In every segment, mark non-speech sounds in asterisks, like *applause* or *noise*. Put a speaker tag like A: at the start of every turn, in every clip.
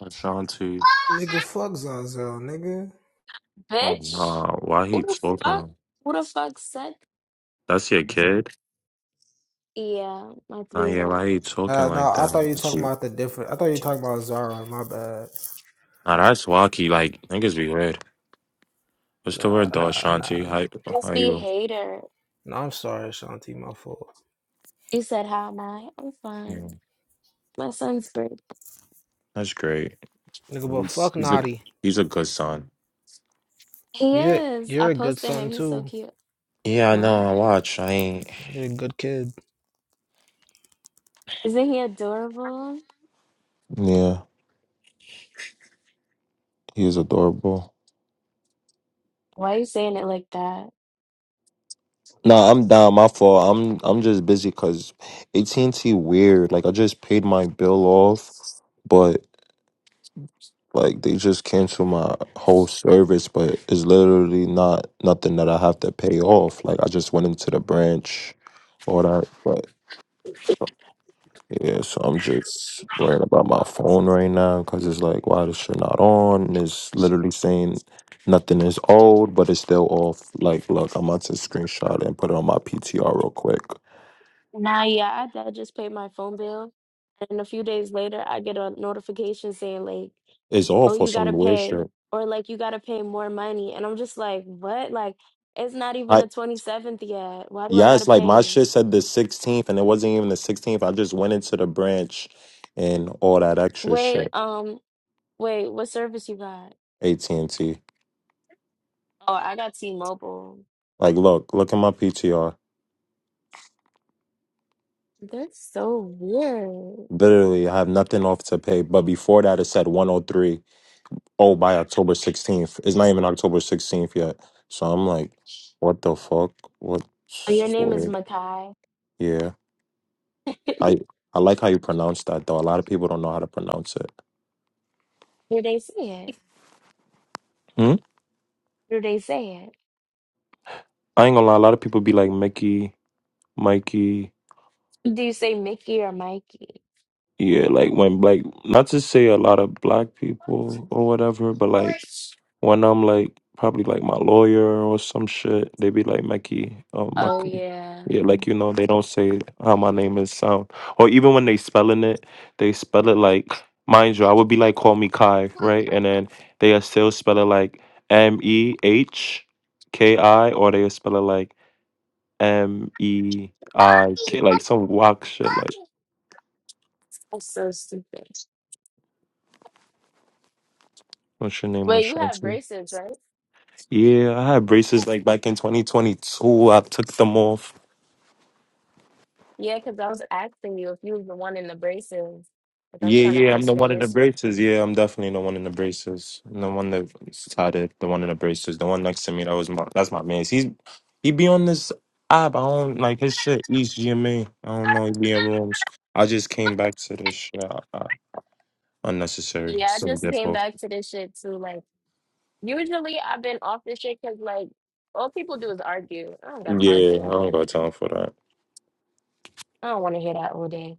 A: Ashanti,
B: Nigga, fuck Zazel, nigga.
A: oh
C: Bitch,
A: nah, why
C: who
A: he
C: the fuck?
A: talking?
C: Who the fuck said?
A: That's your kid?
C: Yeah, my
A: Nah,
C: three year
A: yeah, why
C: old.
A: he talking
B: Uh, no,
A: like
B: I
A: that?
B: thought you were
A: That's
B: talking
A: you.
B: about the different. I thought you were talking about Zara. My bad.
A: Nah, that's wacky. Like niggas be weird. What's the
B: Nah,
A: word though,
B: nah,
A: Ashanti?
B: nah.
A: How how
C: Just be
A: you?
C: hater.
B: No, I'm sorry, Shanti. My fault.
C: You said, How am I? I'm fine.
A: Yeah,
C: My son's great.
A: that's great.
B: Nigga, but
A: He's
B: fuck
A: he's a
B: Naughty.
A: he's a good son.
C: He
B: You're
C: is. I
B: you're a good
C: posted him.
B: son
C: He's so
B: too.
C: cute.
A: Yeah, I
C: What?
A: know. I watch. I ain't.
B: You're a good kid.
C: Isn't he adorable?
A: Yeah, he is adorable.
C: Why are you saying it like that?
A: Nah, I'm down. My fault. I'm I'm just busy cause AT and T weird. Like I just paid my bill off, but. Like they just cancel my whole service, but it's literally not nothing that I have to pay off. Like I just went into the branch, all that. But yeah, so I'm just worried about my phone right now because it's like, why this shit not on? And it's literally saying nothing is old, but it's still off. Like, look, I'm about to screenshot it and put it on my PTR real quick.
C: Nah, yeah, I, I just paid my phone bill. And a few days later, I get a notification saying, like,
A: It's
C: oh,
A: off for
C: you got
A: some
C: to
A: weird
C: pay,
A: shit.
C: or like, you got to pay more money. And I'm just like, what? Like, it's not even
A: I.
C: a 27th yet. Why do I
A: Yeah,
C: got to
A: it's like my
C: pay?
A: shit said the 16th, and it wasn't even the 16th. I just went into the branch and all that extra
C: Wait,
A: shit.
C: um, wait, what service you got?
A: AT and T.
C: Oh, I got T-Mobile.
A: Like, look, look at my PTR.
C: That's so weird.
A: Literally, I have nothing off to pay. But before that, it said 103. Oh, by October 16th. It's not even October 16th yet. So I'm like, what the fuck?
C: Oh, Your
A: What's
C: name is
A: weird?
C: Makai.
A: Yeah, I I like how you pronounce that though. A lot of people don't know how to pronounce it.
C: Do they say it?
A: Hmm?
C: Do they say
A: I ain't gonna lie. A lot of people be like Mickey, Mikey.
C: it? Do you say Mickey or Mikey?
A: Yeah, like when like not to say a lot of black people or whatever, but like when I'm like probably like my lawyer or some shit, they be like Meki, um,
C: Oh,
A: Maki.
C: yeah.
A: Yeah, like you know, they don't say how my name is sound. Or even when they spelling it, they spell it like mind you, I would be like call me Kai, right? And then they are still spell it like M E H K I or they spell it like M E I K like some whack shit like
C: That's so stupid.
A: what's your name,
C: Wait, you have
A: Ashanti?
C: braces, right?
A: Yeah, I had braces like back in 2022. I took them off.
C: Yeah, because I was asking you if you was the one in the braces. Like I was
A: Yeah,
C: trying to
A: yeah, I'm
C: ask
A: the
C: you that
A: one in the
C: yesterday.
A: braces. Yeah, I'm definitely the one in the braces. I'm the one that started, the one in the braces, the one next to me. That was my, that's my man. He's he be on this app. I don't like his shit. He's GMA. I don't know. He be in rooms. I just came back to this shit. I, I, unnecessary.
C: Yeah, I
A: So
C: just came
A: difficult.
C: back to this shit too. Like usually I've been off this shit because like all people do is argue. I don't got time
A: Yeah,
C: for
A: I don't
C: that.
A: got time for that.
C: I don't want to hear that all day.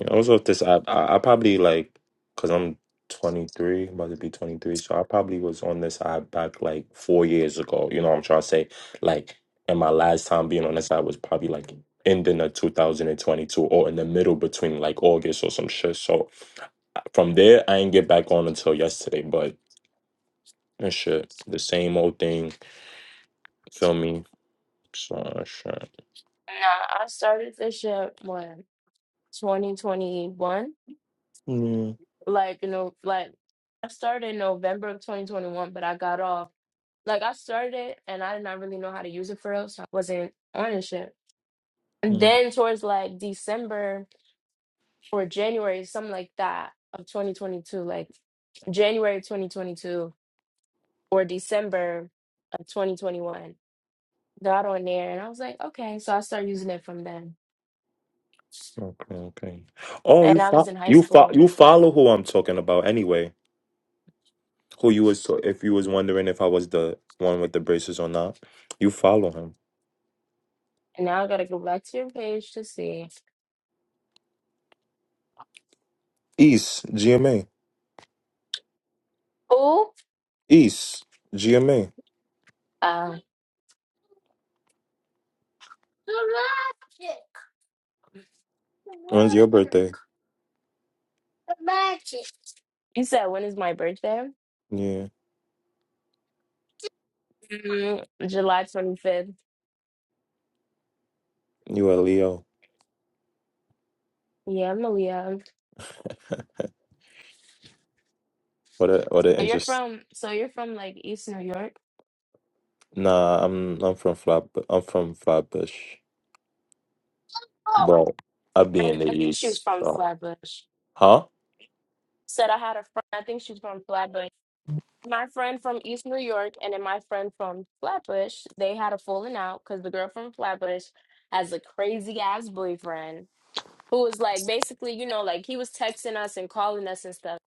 A: Yeah, I was off this app. I, I probably like, cause I'm 23, about to be 23. So I probably was on this app back like four years ago. You know what I'm trying to say? Like, and my last time being on this app was probably like ending of 2022 or in the middle between like August or some shit. So from there, I didn't get back on until yesterday. But that shit, the same old thing. Feel me? So shit.
C: Nah, I started this shit when 2021.
A: mm
C: Like you know, like I started in November of 2021, but I got off. Like I started it and I did not really know how to use it for real, so I wasn't on this shit. And
A: mm,
C: then towards like December. or January, something like that of 2022, like January 2022 or December of 2021. Got on there and I was like, okay. So I started using it from then.
A: Okay, okay. Oh, you
C: And I was
A: fo-
C: in high
A: you fo-
C: school.
A: you follow who I'm talking about anyway. who you was to- if you was wondering if I was the one with the braces or not, you follow him.
C: And now I gotta go back to your page to see.
A: East GMA.
C: Oh,
A: East GMA.
C: uh,
A: When's your birthday?
C: you said when is my birthday?
A: Yeah,
C: Mm, July 25th.
A: you a Leo.
C: Yeah, Malia.
A: What a what an
C: You're
A: interest.
C: from, so you're from like East New York?
A: Nah, I'm I'm from Flat. I'm from Flatbush, bro. I be
C: friend,
A: in the
C: I think she was
A: East.
C: from
A: So
C: Flatbush,
A: huh?
C: said I had a friend, I think she's from Flatbush. My friend from East New York and then my friend from Flatbush, they had a falling out because the girl from Flatbush has a crazy ass boyfriend who was like basically, you know, like he was texting us and calling us and stuff.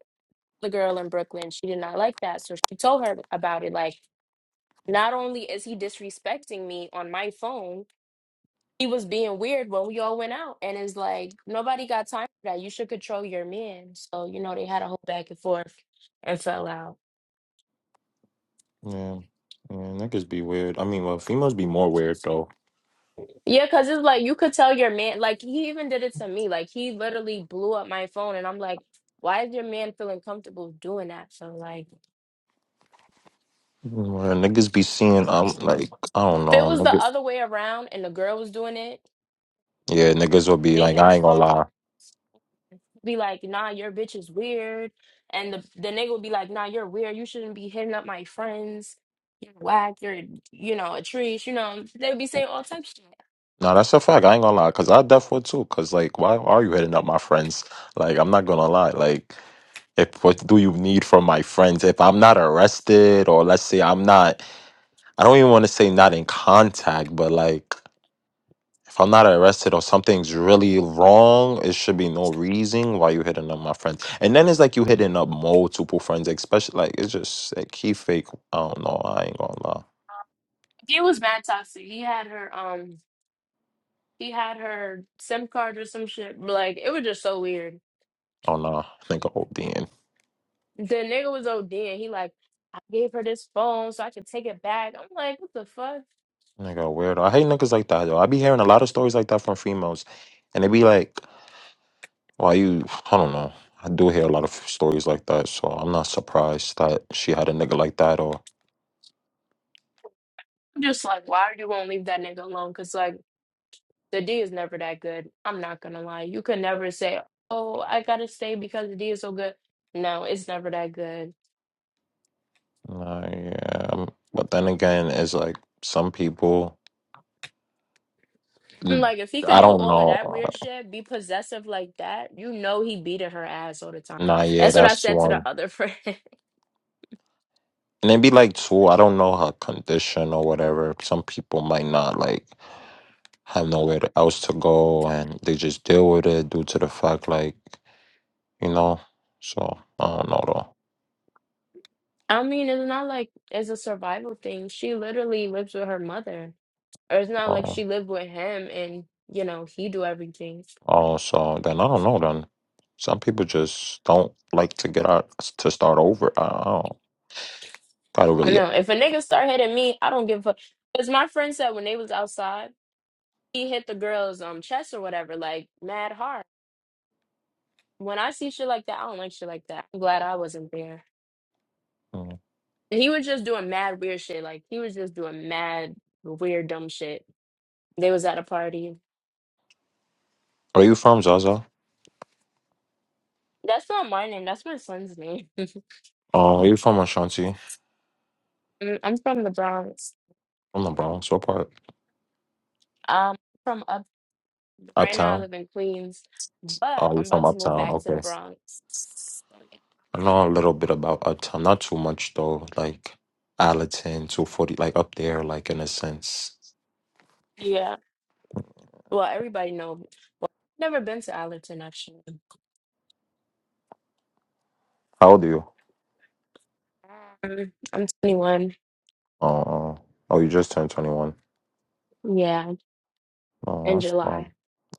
C: The girl in Brooklyn, she did not like that. So she told her about it. Like, not only is he disrespecting me on my phone, He was being weird when we all went out, and it's like nobody got time for that. You should control your man. So you know they had a whole back and forth and fell out.
A: Yeah. Yeah, niggas be weird. I mean, well, females be more weird though.
C: Yeah, cause it's like you could tell your man. Like he even did it to me. Like he literally blew up my phone, and I'm like, why is your man feeling comfortable doing that? So like,
A: Well, niggas be seeing, um,
C: if
A: like I don't
C: it was
A: know,
C: the
A: niggas.
C: other way around and the girl was doing it,
A: Yeah, niggas will be like, I
C: nigga's
A: ain't gonna
C: phone.
A: lie.
C: be like, nah, your bitch is weird. And the, the nigga would be like, nah, you're weird. You shouldn't be hitting up my friends. You're whack. You're, you know, a treat. You know, they would be saying all types of shit.
A: No, that's a fact. I ain't gonna lie, cause I def would too. Cause like, why are you hitting up my friends? Like, I'm not gonna lie. Like, if what do you need from my friends? If I'm not arrested, or let's say I'm not, I don't even want to say not in contact, but like, if I'm not arrested or something's really wrong, it should be no reason why you hitting up my friends. And then it's like you hitting up multiple friends, especially like it's just like he fake. I don't know. I ain't gonna lie.
C: It was mad toxic. He had her, um, he had her SIM card or some shit. Like, it was just so weird.
A: I don't know. I think I'm
C: The
A: ODing.
C: nigga was OD he like, I gave her this phone so I could take it back. I'm like, what the fuck?
A: Nigga, a weirdo. I hate niggas like that though. I be hearing a lot of stories like that from females, and they be like, "Why you?" I don't know. I do hear a lot of stories like that, so I'm not surprised that she had a nigga like that. Or,
C: I'm just like, why you won't leave that nigga alone? Cause like The D is never that good. I'm not gonna lie. You could never say, "Oh, I gotta stay because the D is so good." No, it's never that good.
A: nah, yeah. um, But then again, it's like some people.
C: *laughs* I'm
A: mm,
C: Like if he
A: I
C: could do
A: don't
C: all of
A: know.
C: that weird shit, be possessive like that, you know he beating her ass all the time.
A: Nah, yeah,
C: That's what I
A: that's
C: said to the
A: one.
C: other *laughs* friend.
A: And it be like two. I don't know her condition or whatever. Some people might not like have nowhere else to go, and they just deal with it due to the fact like. you know. So I don't know though.
C: I mean, it's not like it's a survival thing. She literally lives with her mother. Or it's not like
A: Um,
C: she lived with him and, you know, he do everything.
A: oh, so then I don't know then. Some people just don't like to get out to start over. I I don't gotta
C: I
A: really.
C: know. If a nigga start hitting me, I don't give a fuck. Because my friend said when they was outside. he hit the girl's um chest or whatever, like mad hard. When I see shit like that, I don't like shit like that. I'm glad I wasn't there.
A: Mm.
C: He was just doing mad weird shit. Like he was just doing mad weird dumb shit. They was at a party.
A: Are you from Zaza?
C: That's not my name. That's my son's name. *laughs*
A: Uh, are you from Ashanti?
C: Mm, I'm from the Bronx.
A: From the Bronx? What part?
C: Um, from up right now. I
A: Uptown.
C: live in Queens, but
A: Oh,
C: I'm
A: you from
C: about to move
A: Uptown?
C: back to the
A: Okay.
C: Bronx. So,
A: I know a little bit about Uptown. Not too much though. Like Allerton, two forty, like up there, like in a sense.
C: Yeah. Well, everybody know. Never been to Allerton actually.
A: How old are you?
C: Um, I'm 21.
A: Uh, uh, oh, you just turned twenty one.
C: Yeah,
A: Oh,
C: in
A: that's
C: July.
A: fine.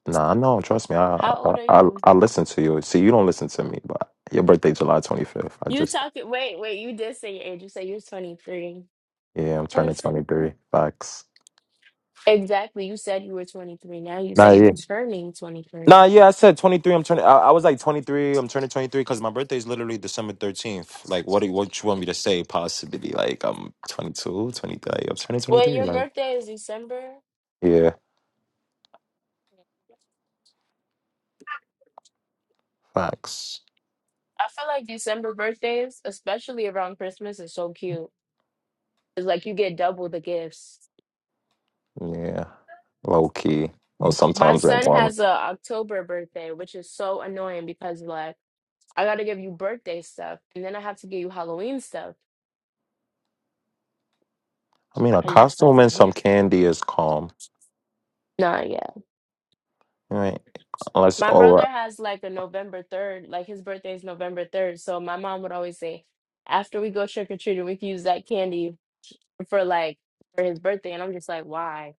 A: Nah, I know. Trust me. I,
C: How
A: I
C: old are
A: I
C: you?
A: I listen to you. See, you don't listen to me, but your birthday July twenty fifth. I
C: You
A: just
C: talking? Wait, wait. You did say your age. You said you're 23.
A: yeah, I'm turning twenty
C: Allison.
A: three. Facts.
C: Exactly. You said you were 23. Now you
A: Nah,
C: say you're
A: yeah.
C: turning 23.
A: Nah, yeah. I said twenty three. I'm turning. I, I was like twenty three. I'm turning twenty three because my birthday is literally December thirteenth. Like, what do you, what you want me to say? Possibly like I'm twenty two, twenty three, 23. I'm turning twenty
C: Well,
A: three.
C: your
A: Like,
C: birthday is December.
A: yeah. Facts.
C: I feel like December birthdays, especially around Christmas, is so cute. It's like you get double the gifts.
A: Yeah. Low key. Well,
C: My
A: sometimes I
C: son
A: want.
C: has a October birthday, which is so annoying because like I gotta give you birthday stuff and then I have to give you Halloween stuff.
A: I mean, a
C: I was just like,
A: costume and some
C: damn.
A: candy is calm,
C: Nah,
A: right? Unless,
C: My brother
A: or
C: has like a November 3rd, like his birthday is November 3rd. So my mom would always say, after we go trick or treating, we can use that candy for like for his birthday. And I'm just like, why?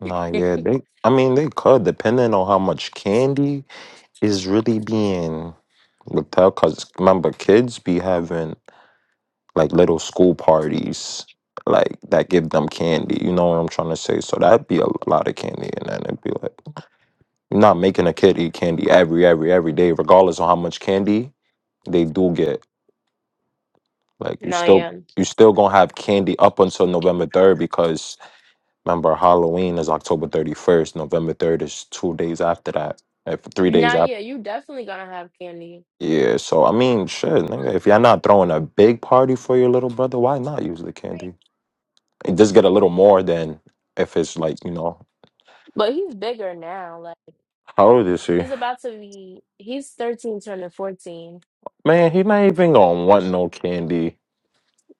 A: Nah,
C: *laughs*
A: yeah, they. I mean, they could, depending on how much candy is really being withheld. Cause remember, kids be having like little school parties, like that give them candy. You know what I'm trying to say? So that'd be a lot of candy, and then it'd be like, you're not making a kid eat candy every, every, every day, regardless of how much candy they do get. Like you
C: No,
A: still,
C: yeah.
A: you still gonna have candy up until November third because. Remember, Halloween is October 31st. November 3rd is two days after that. eh, Three days
C: Now,
A: after.
C: yeah, you definitely gonna have candy.
A: Yeah, so I mean, shit, nigga, if you're not throwing a big party for your little brother, why not use the candy? And just get a little more than if it's like, you know,
C: But he's bigger now. Like
A: how old is he?
C: he's about to be, he's 13 turning 14.
A: Man, he not even gonna want no candy.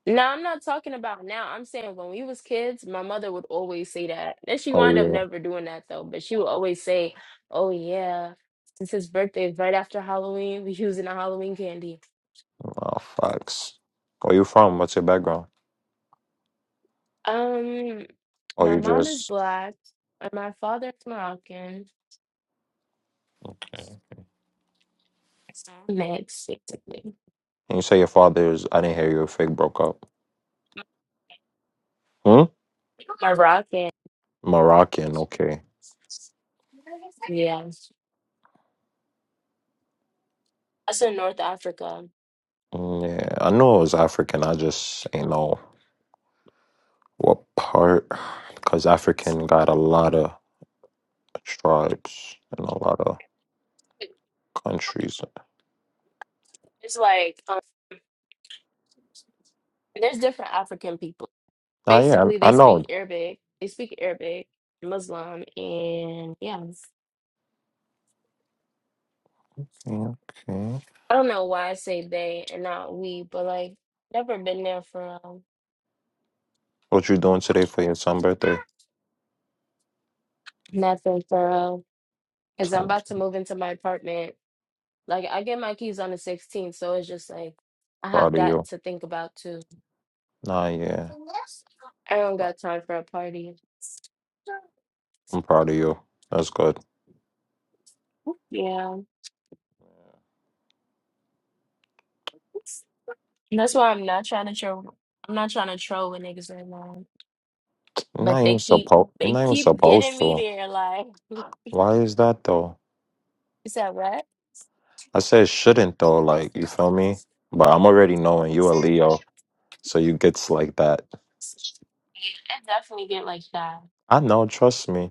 C: No, I'm not talking about now. I'm saying when we was kids, my mother would always say that. And she
A: Oh,
C: wound up
A: yeah.
C: never doing that though, but she would always say, "Oh yeah, since his birthday is right after Halloween, we using a Halloween candy."
A: Oh, fucks. Where you from? What's your background?
C: Um,
A: Oh,
C: my
A: you
C: mom is
A: just.
C: black and my father is Moroccan. Mixed, basically.
A: Can you say your father's. I didn't hear you. Fake broke up. Hmm?
C: Moroccan.
A: Moroccan. Okay.
C: Yeah. That's in North Africa.
A: Mm, Yeah, I know it was African. I just ain't know what part, because African got a lot of tribes and a lot of countries.
C: It's like um, there's different African people.
A: Ah, yeah,
C: basically
A: I, I
C: they speak
A: know.
C: Arabic. They speak Arabic, Muslim, and yeah.
A: Okay,
C: I don't know why I say they and not we, but like never been there for um,
A: what you doing today for your son's birthday?
C: nothing thorough. Cause
A: It's
C: I'm
A: like,
C: about to move into my apartment. Like I get my keys on the 16th, so it's just like I have
A: proud of
C: that
A: you.
C: to think about too.
A: Nah, yeah,
C: I don't got time for a party.
A: I'm proud of you. That's good.
C: Yeah, And that's why I'm not trying to troll. I'm not trying to troll with niggas right now.
A: You're not
C: But they
A: even
C: keep
A: supposed. You're
C: they
A: not even
C: keep
A: supposed
C: getting me
A: to.
C: there, like. *laughs*
A: Why is that though?
C: You said what?
A: I said shouldn't though. Like you feel me? But I'm already knowing you a Leo, so you gets like that.
C: Yeah, it definitely get like that.
A: I know. Trust me.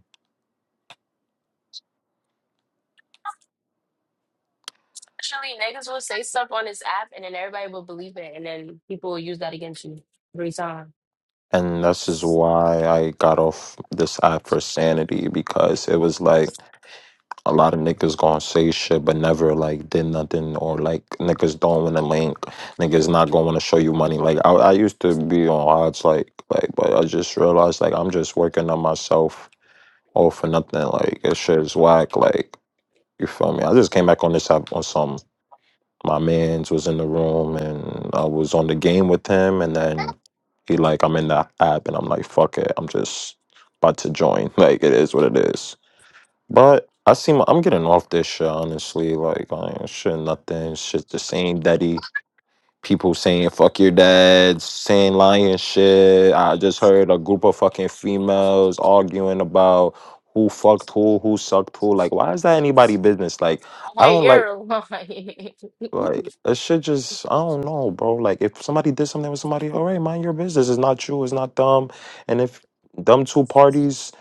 C: Actually, niggas will say stuff on this app, and then everybody will believe it, and then people will use that against you every time.
A: And this is why I got off this app for sanity because it was like a lot of niggas gonna say shit but never like did nothing or like niggas don't wanna link. Niggas not gonna wanna show you money. Like I, I used to be on odds like like but I just realized like I'm just working on myself all for nothing. Like this shit is whack, like you feel me? I just came back on this app on some my man's was in the room and I was on the game with him and then he like I'm in the app and I'm like fuck it I'm just about to join *laughs* like it is what it is but I see my, I'm getting off this shit honestly like I ain't shit nothing shit the same daddy people saying fuck your dad saying lying shit I just heard a group of fucking females arguing about who fucked who who sucked who like why is that anybody business like I
C: Wait,
A: don't like
C: you're lying. *laughs*
A: like it should just I don't know, bro. Like if somebody did something with somebody, all right, mind your business. It's not you, it's not them. And if them two parties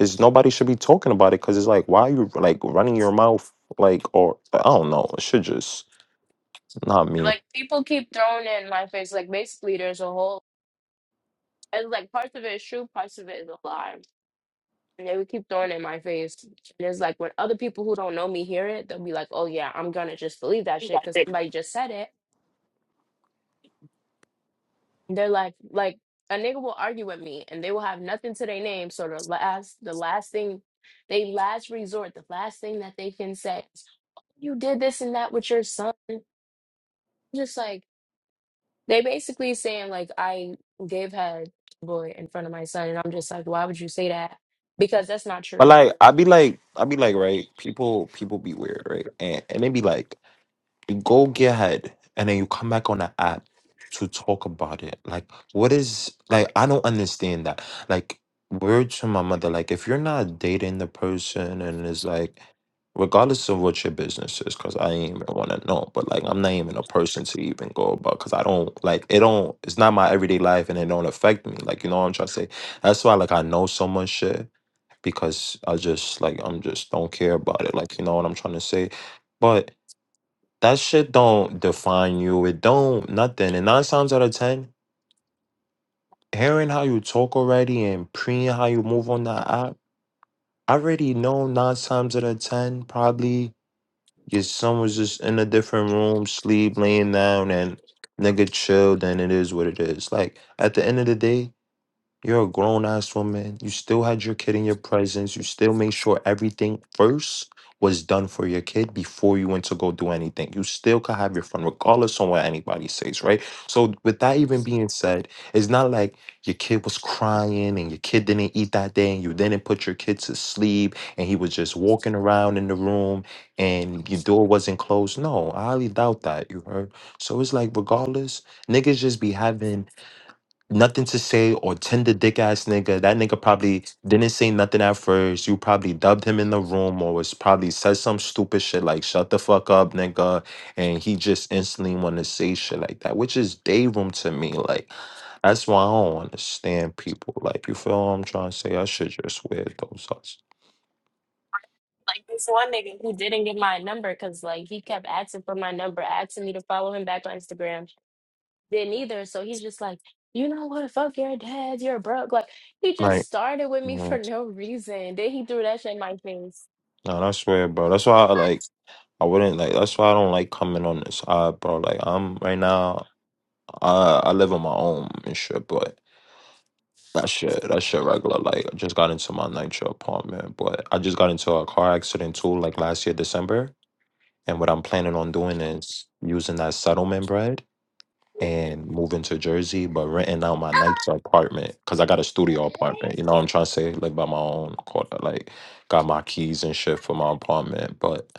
A: is nobody should be talking about it because it's like why you like running your mouth like or I don't know. It should just not me.
C: like people keep throwing it in my face. Like basically, there's a whole. It's like parts of it is true, parts of it is a lie, and they would keep throwing it in my face. And it's like when other people who don't know me hear it, they'll be like, "Oh yeah, I'm gonna just believe that shit because somebody just said it." They're like, like a nigga will argue with me and they will have nothing to their name. So the last, the last thing, they last resort, the last thing that they can say is, you did this and that with your son. Just like, they basically saying like, I gave head boy in front of my son. And I'm just like, why would you say that? Because that's not
A: But
C: true.
A: like i be like i be like, right, people people be weird, right? And and they be like you go get ahead and then you come back on the app to talk about it like what is like i don't understand that like word to my mother like if you're not dating the person and it's like regardless of what your business is because i ain't even want to know but like i'm not even a person to even go about because i don't like it don't it's not my everyday life and it don't affect me like you know what i'm trying to say that's why like i know so much shit because i just like i'm just don't care about it like you know what i'm trying to say but that shit don't define you. It don't nothing. And nine times out of ten, hearing how you talk already and preying how you move on that app, I already know nine times out of ten, probably your son was just in a different room, sleep, laying down, and nigga chilled, and it is what it is. Like at the end of the day, You're a grown ass woman. You still had your kid in your presence. You still made sure everything first was done for your kid before you went to go do anything. You still could have your fun regardless on what anybody says, right? So with that even being said, it's not like your kid was crying and your kid didn't eat that day and you didn't put your kid to sleep and he was just walking around in the room and your door wasn't closed. No, I highly doubt that. You heard? So it's like regardless, niggas just be having nothing to say or tender dick ass nigga. That nigga probably didn't say nothing at first. You probably dubbed him in the room or was probably said some stupid shit like shut the fuck up, nigga. And he just instantly wanna say shit like that, which is day room to me. Like that's why I don't understand people. Like you feel what I'm trying to say? I should just wear those us.
C: Like this one nigga who didn't get my number because like he kept asking for my number, asking me to follow him back on Instagram. didn't either. So he's just like, you know what? Fuck your dad. You're broke. Like he just
A: Like
C: started with me *laughs* for no reason. Then he threw that shit in my face.
A: no, that's weird, bro. That's why I like I wouldn't like that's why I don't like coming on this odd, bro. Like I'm right now I I live on my own and shit, but That shit, that shit regular. Like, I just got into my nitro apartment, but I just got into a car accident too, like last year, December. And what I'm planning on doing is using that settlement bread and moving to Jersey, but renting out my nitro apartment because I got a studio apartment. You know what I'm trying to say? Like, by my own quarter, like, got my keys and shit for my apartment. But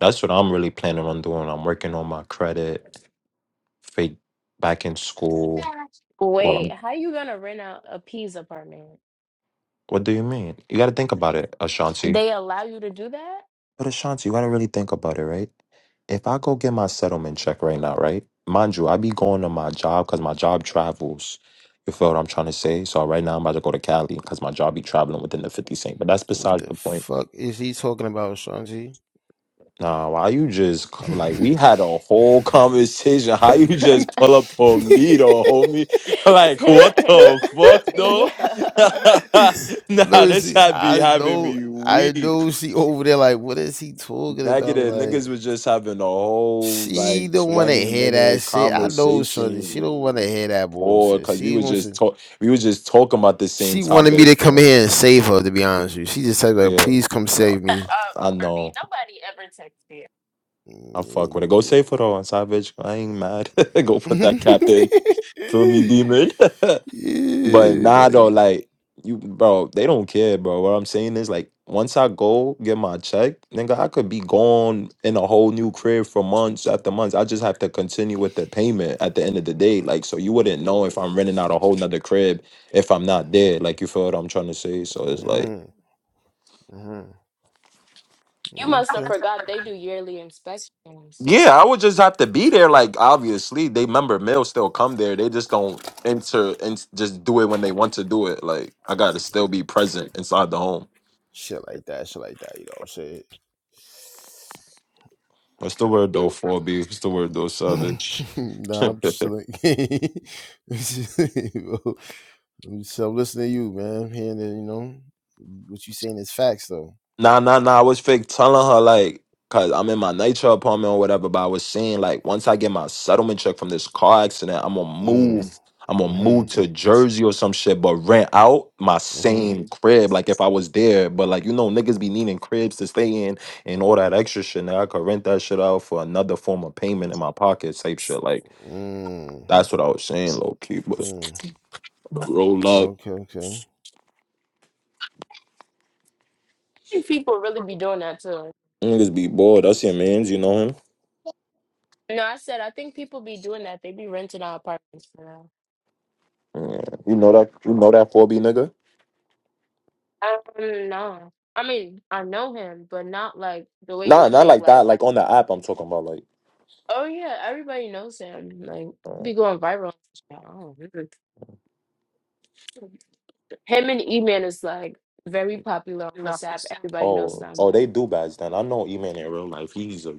A: that's what I'm really planning on doing. I'm working on my credit, fake back in school. Well,
C: Wait,
A: I'm-
C: how you gonna rent out a P's apartment?
A: what do you mean? You got to think about it, Ashanti.
C: They allow you to do that?
A: But Ashanti, you gotta really think about it, right? If I go get my settlement check right now, right? Mind you, I be going to my job because my job travels. You feel what I'm trying to say? So right now I'm about to go to Cali because my job be traveling within the 50 cent. But that's
D: What
A: besides
D: the
A: the point.
D: fuck is he talking about, Shanji?
A: Nah, why you just
D: *laughs*
A: c- like we had a whole conversation? *laughs* How you
C: *laughs*
A: just pull up on me though, homie? *laughs* Like what the fuck though?
C: yeah. Uh,
A: *laughs*
D: I
A: nah,
D: know
A: this
D: she.
A: had be
D: I
A: having
D: know.
A: me
D: I
A: weak.
D: know she over there. Like, what is he talking about?
A: Negative
D: Like,
A: niggas was just having a whole like
D: she don't want to
A: twenty
D: hear that
A: minute
D: shit. I know, Shanji.
A: conversation.
D: She don't want to
A: You
D: hear that
A: bored
D: bullshit.
A: because we
D: She
A: was
D: wants
A: just
D: to.
A: talk. We was just talking about the same
D: She wanted me
A: topic.
D: to come
A: Uh,
D: here and save her. To be honest with you, she just said, "Like,
A: Yeah,
D: please come
A: Uh,
D: save me."
A: I
C: Barbie,
A: know.
C: nobody ever texted. you.
A: I fuck with
D: Mm,
A: it. Go
D: Yeah,
A: safe for though on Savage. I ain't mad. *laughs* Go
D: you did.
A: put that cap in. Feel me,
D: *laughs*
A: demon. *laughs* But
D: yeah,
A: nah, though,
D: like.
A: like you, bro, they don't care, bro. What I'm saying is, like, once I go get my check, nigga, I could be gone in a whole new crib for months after months. I just have to continue with the payment at the end of the day, like, so you wouldn't know if
D: mm.
A: I'm renting out a whole nother crib if I'm not there. Like, you feel what I'm trying to say? So it's like,
D: hmm hmm
C: You must have
D: Okay.
C: forgot they do yearly inspections.
A: yeah, I would just have to be there. Like, obviously, they member mail still come there. They just don't enter and just do it when they want to do it. Like, I gotta still be present inside the home.
D: Shit like that. Shit like that. You know
A: What's the word though, 4B? What's the word though,
D: what I'm
A: Savage?
D: saying? *laughs*
A: *laughs*
D: nah, I'm just chilling. *laughs* I'm, just, *laughs* I'm just- I'm listening to you, man. I'm hearing that, you know, what you saying is facts, though.
A: nah, nah, nah. I was fake telling her, like, cause I'm in my nature apartment or whatever, but I was saying, like, once I get my settlement check from this car accident, I'm gonna
D: Mm.
A: move. I'm gonna
D: Mm-hmm.
A: move to Jersey or some shit, but rent out my
D: Mm-hmm.
A: same crib, like if I was there. But like you know, niggas be needing cribs to stay in and all that extra shit. Now I could rent that shit out for another form of payment in my pocket, type shit. Like
D: Mm.
A: that's what I was saying, low key. But
D: Mm.
A: roll up.
D: Okay, okay.
C: Mm. People really be doing that too.
A: Niggas be bored. That's your man's. You know him.
C: No, I said I think people be doing that. They be renting out apartments for now.
A: Yeah. You know that. You know that four B nigga.
C: Um, no. I mean, I know him, but not like the way you
A: Nah,
C: would
A: not
C: think.
A: like
C: Like,
A: that. Like on the app, I'm talking about. Like,
C: oh yeah, everybody knows him. Like,
A: uh,
C: be going viral. Oh, really? him and E Man is like very popular on this app. Everybody knows
A: oh,
C: them.
A: oh, they do bads. Then I know E man in real life. He's a.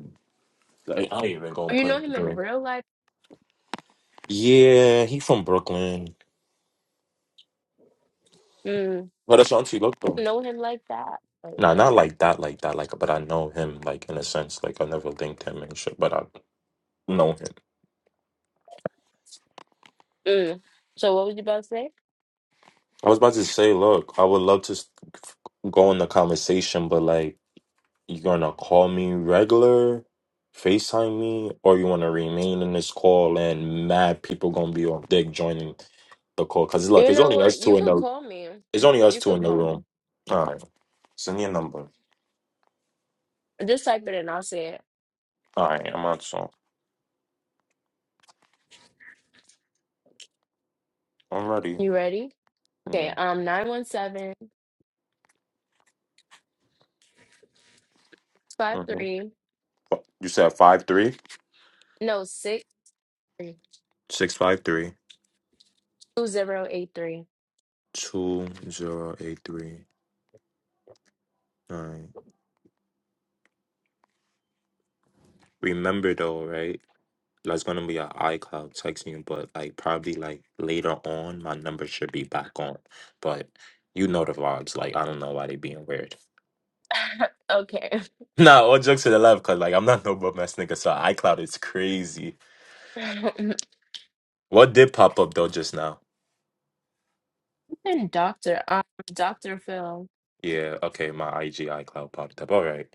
A: Like, I ain't even gonna
C: Oh, you
A: put.
C: know him in
A: Him.
C: real life?
A: Yeah, he from Brooklyn.
C: Mm,
A: But that's auntie look though.
C: know him like that? Like,
A: Nah,
C: what?
A: not like that. Like that. Like, but I know him. Like in a sense. Like I never linked him and shit. But I know him.
C: Mm. So what was you about to say?
A: I was about to say, look, I would love to s- go in the conversation, but like. You gonna call me regular, FaceTime me, or you wanna remain in this call and mad people gonna be on dick joining the call? Cause
C: You
A: look, it's
C: know
A: only
C: what?
A: us
C: You
A: two in
C: could
A: the
C: call me.
A: it's only us
C: You
A: two
C: could
A: in the
C: call me.
A: room. All right, send me a number.
C: Just type it and I'll say it.
A: All right, I'm on so I'm ready.
C: You ready? Okay,
A: Yeah.
C: um, nine one seven five
A: hmm
C: three.
A: You said five three
C: no, six two
A: six five three
C: zero eight three.
A: two zero eight three nine. Remember though, right? That's gonna be an iCloud texting, but like probably like later on, my number should be back on. But you know the vibes. Like I don't know why they being weird. *laughs*
C: *laughs* Okay.
A: Nah, all jokes to the left, cause like I'm not no bum ass nigga, so iCloud is crazy.
C: *laughs*
A: What did pop up though just now?
C: and Dr. Um, Dr. Phil.
A: Yeah, okay, my IG iCloud popped up. All right.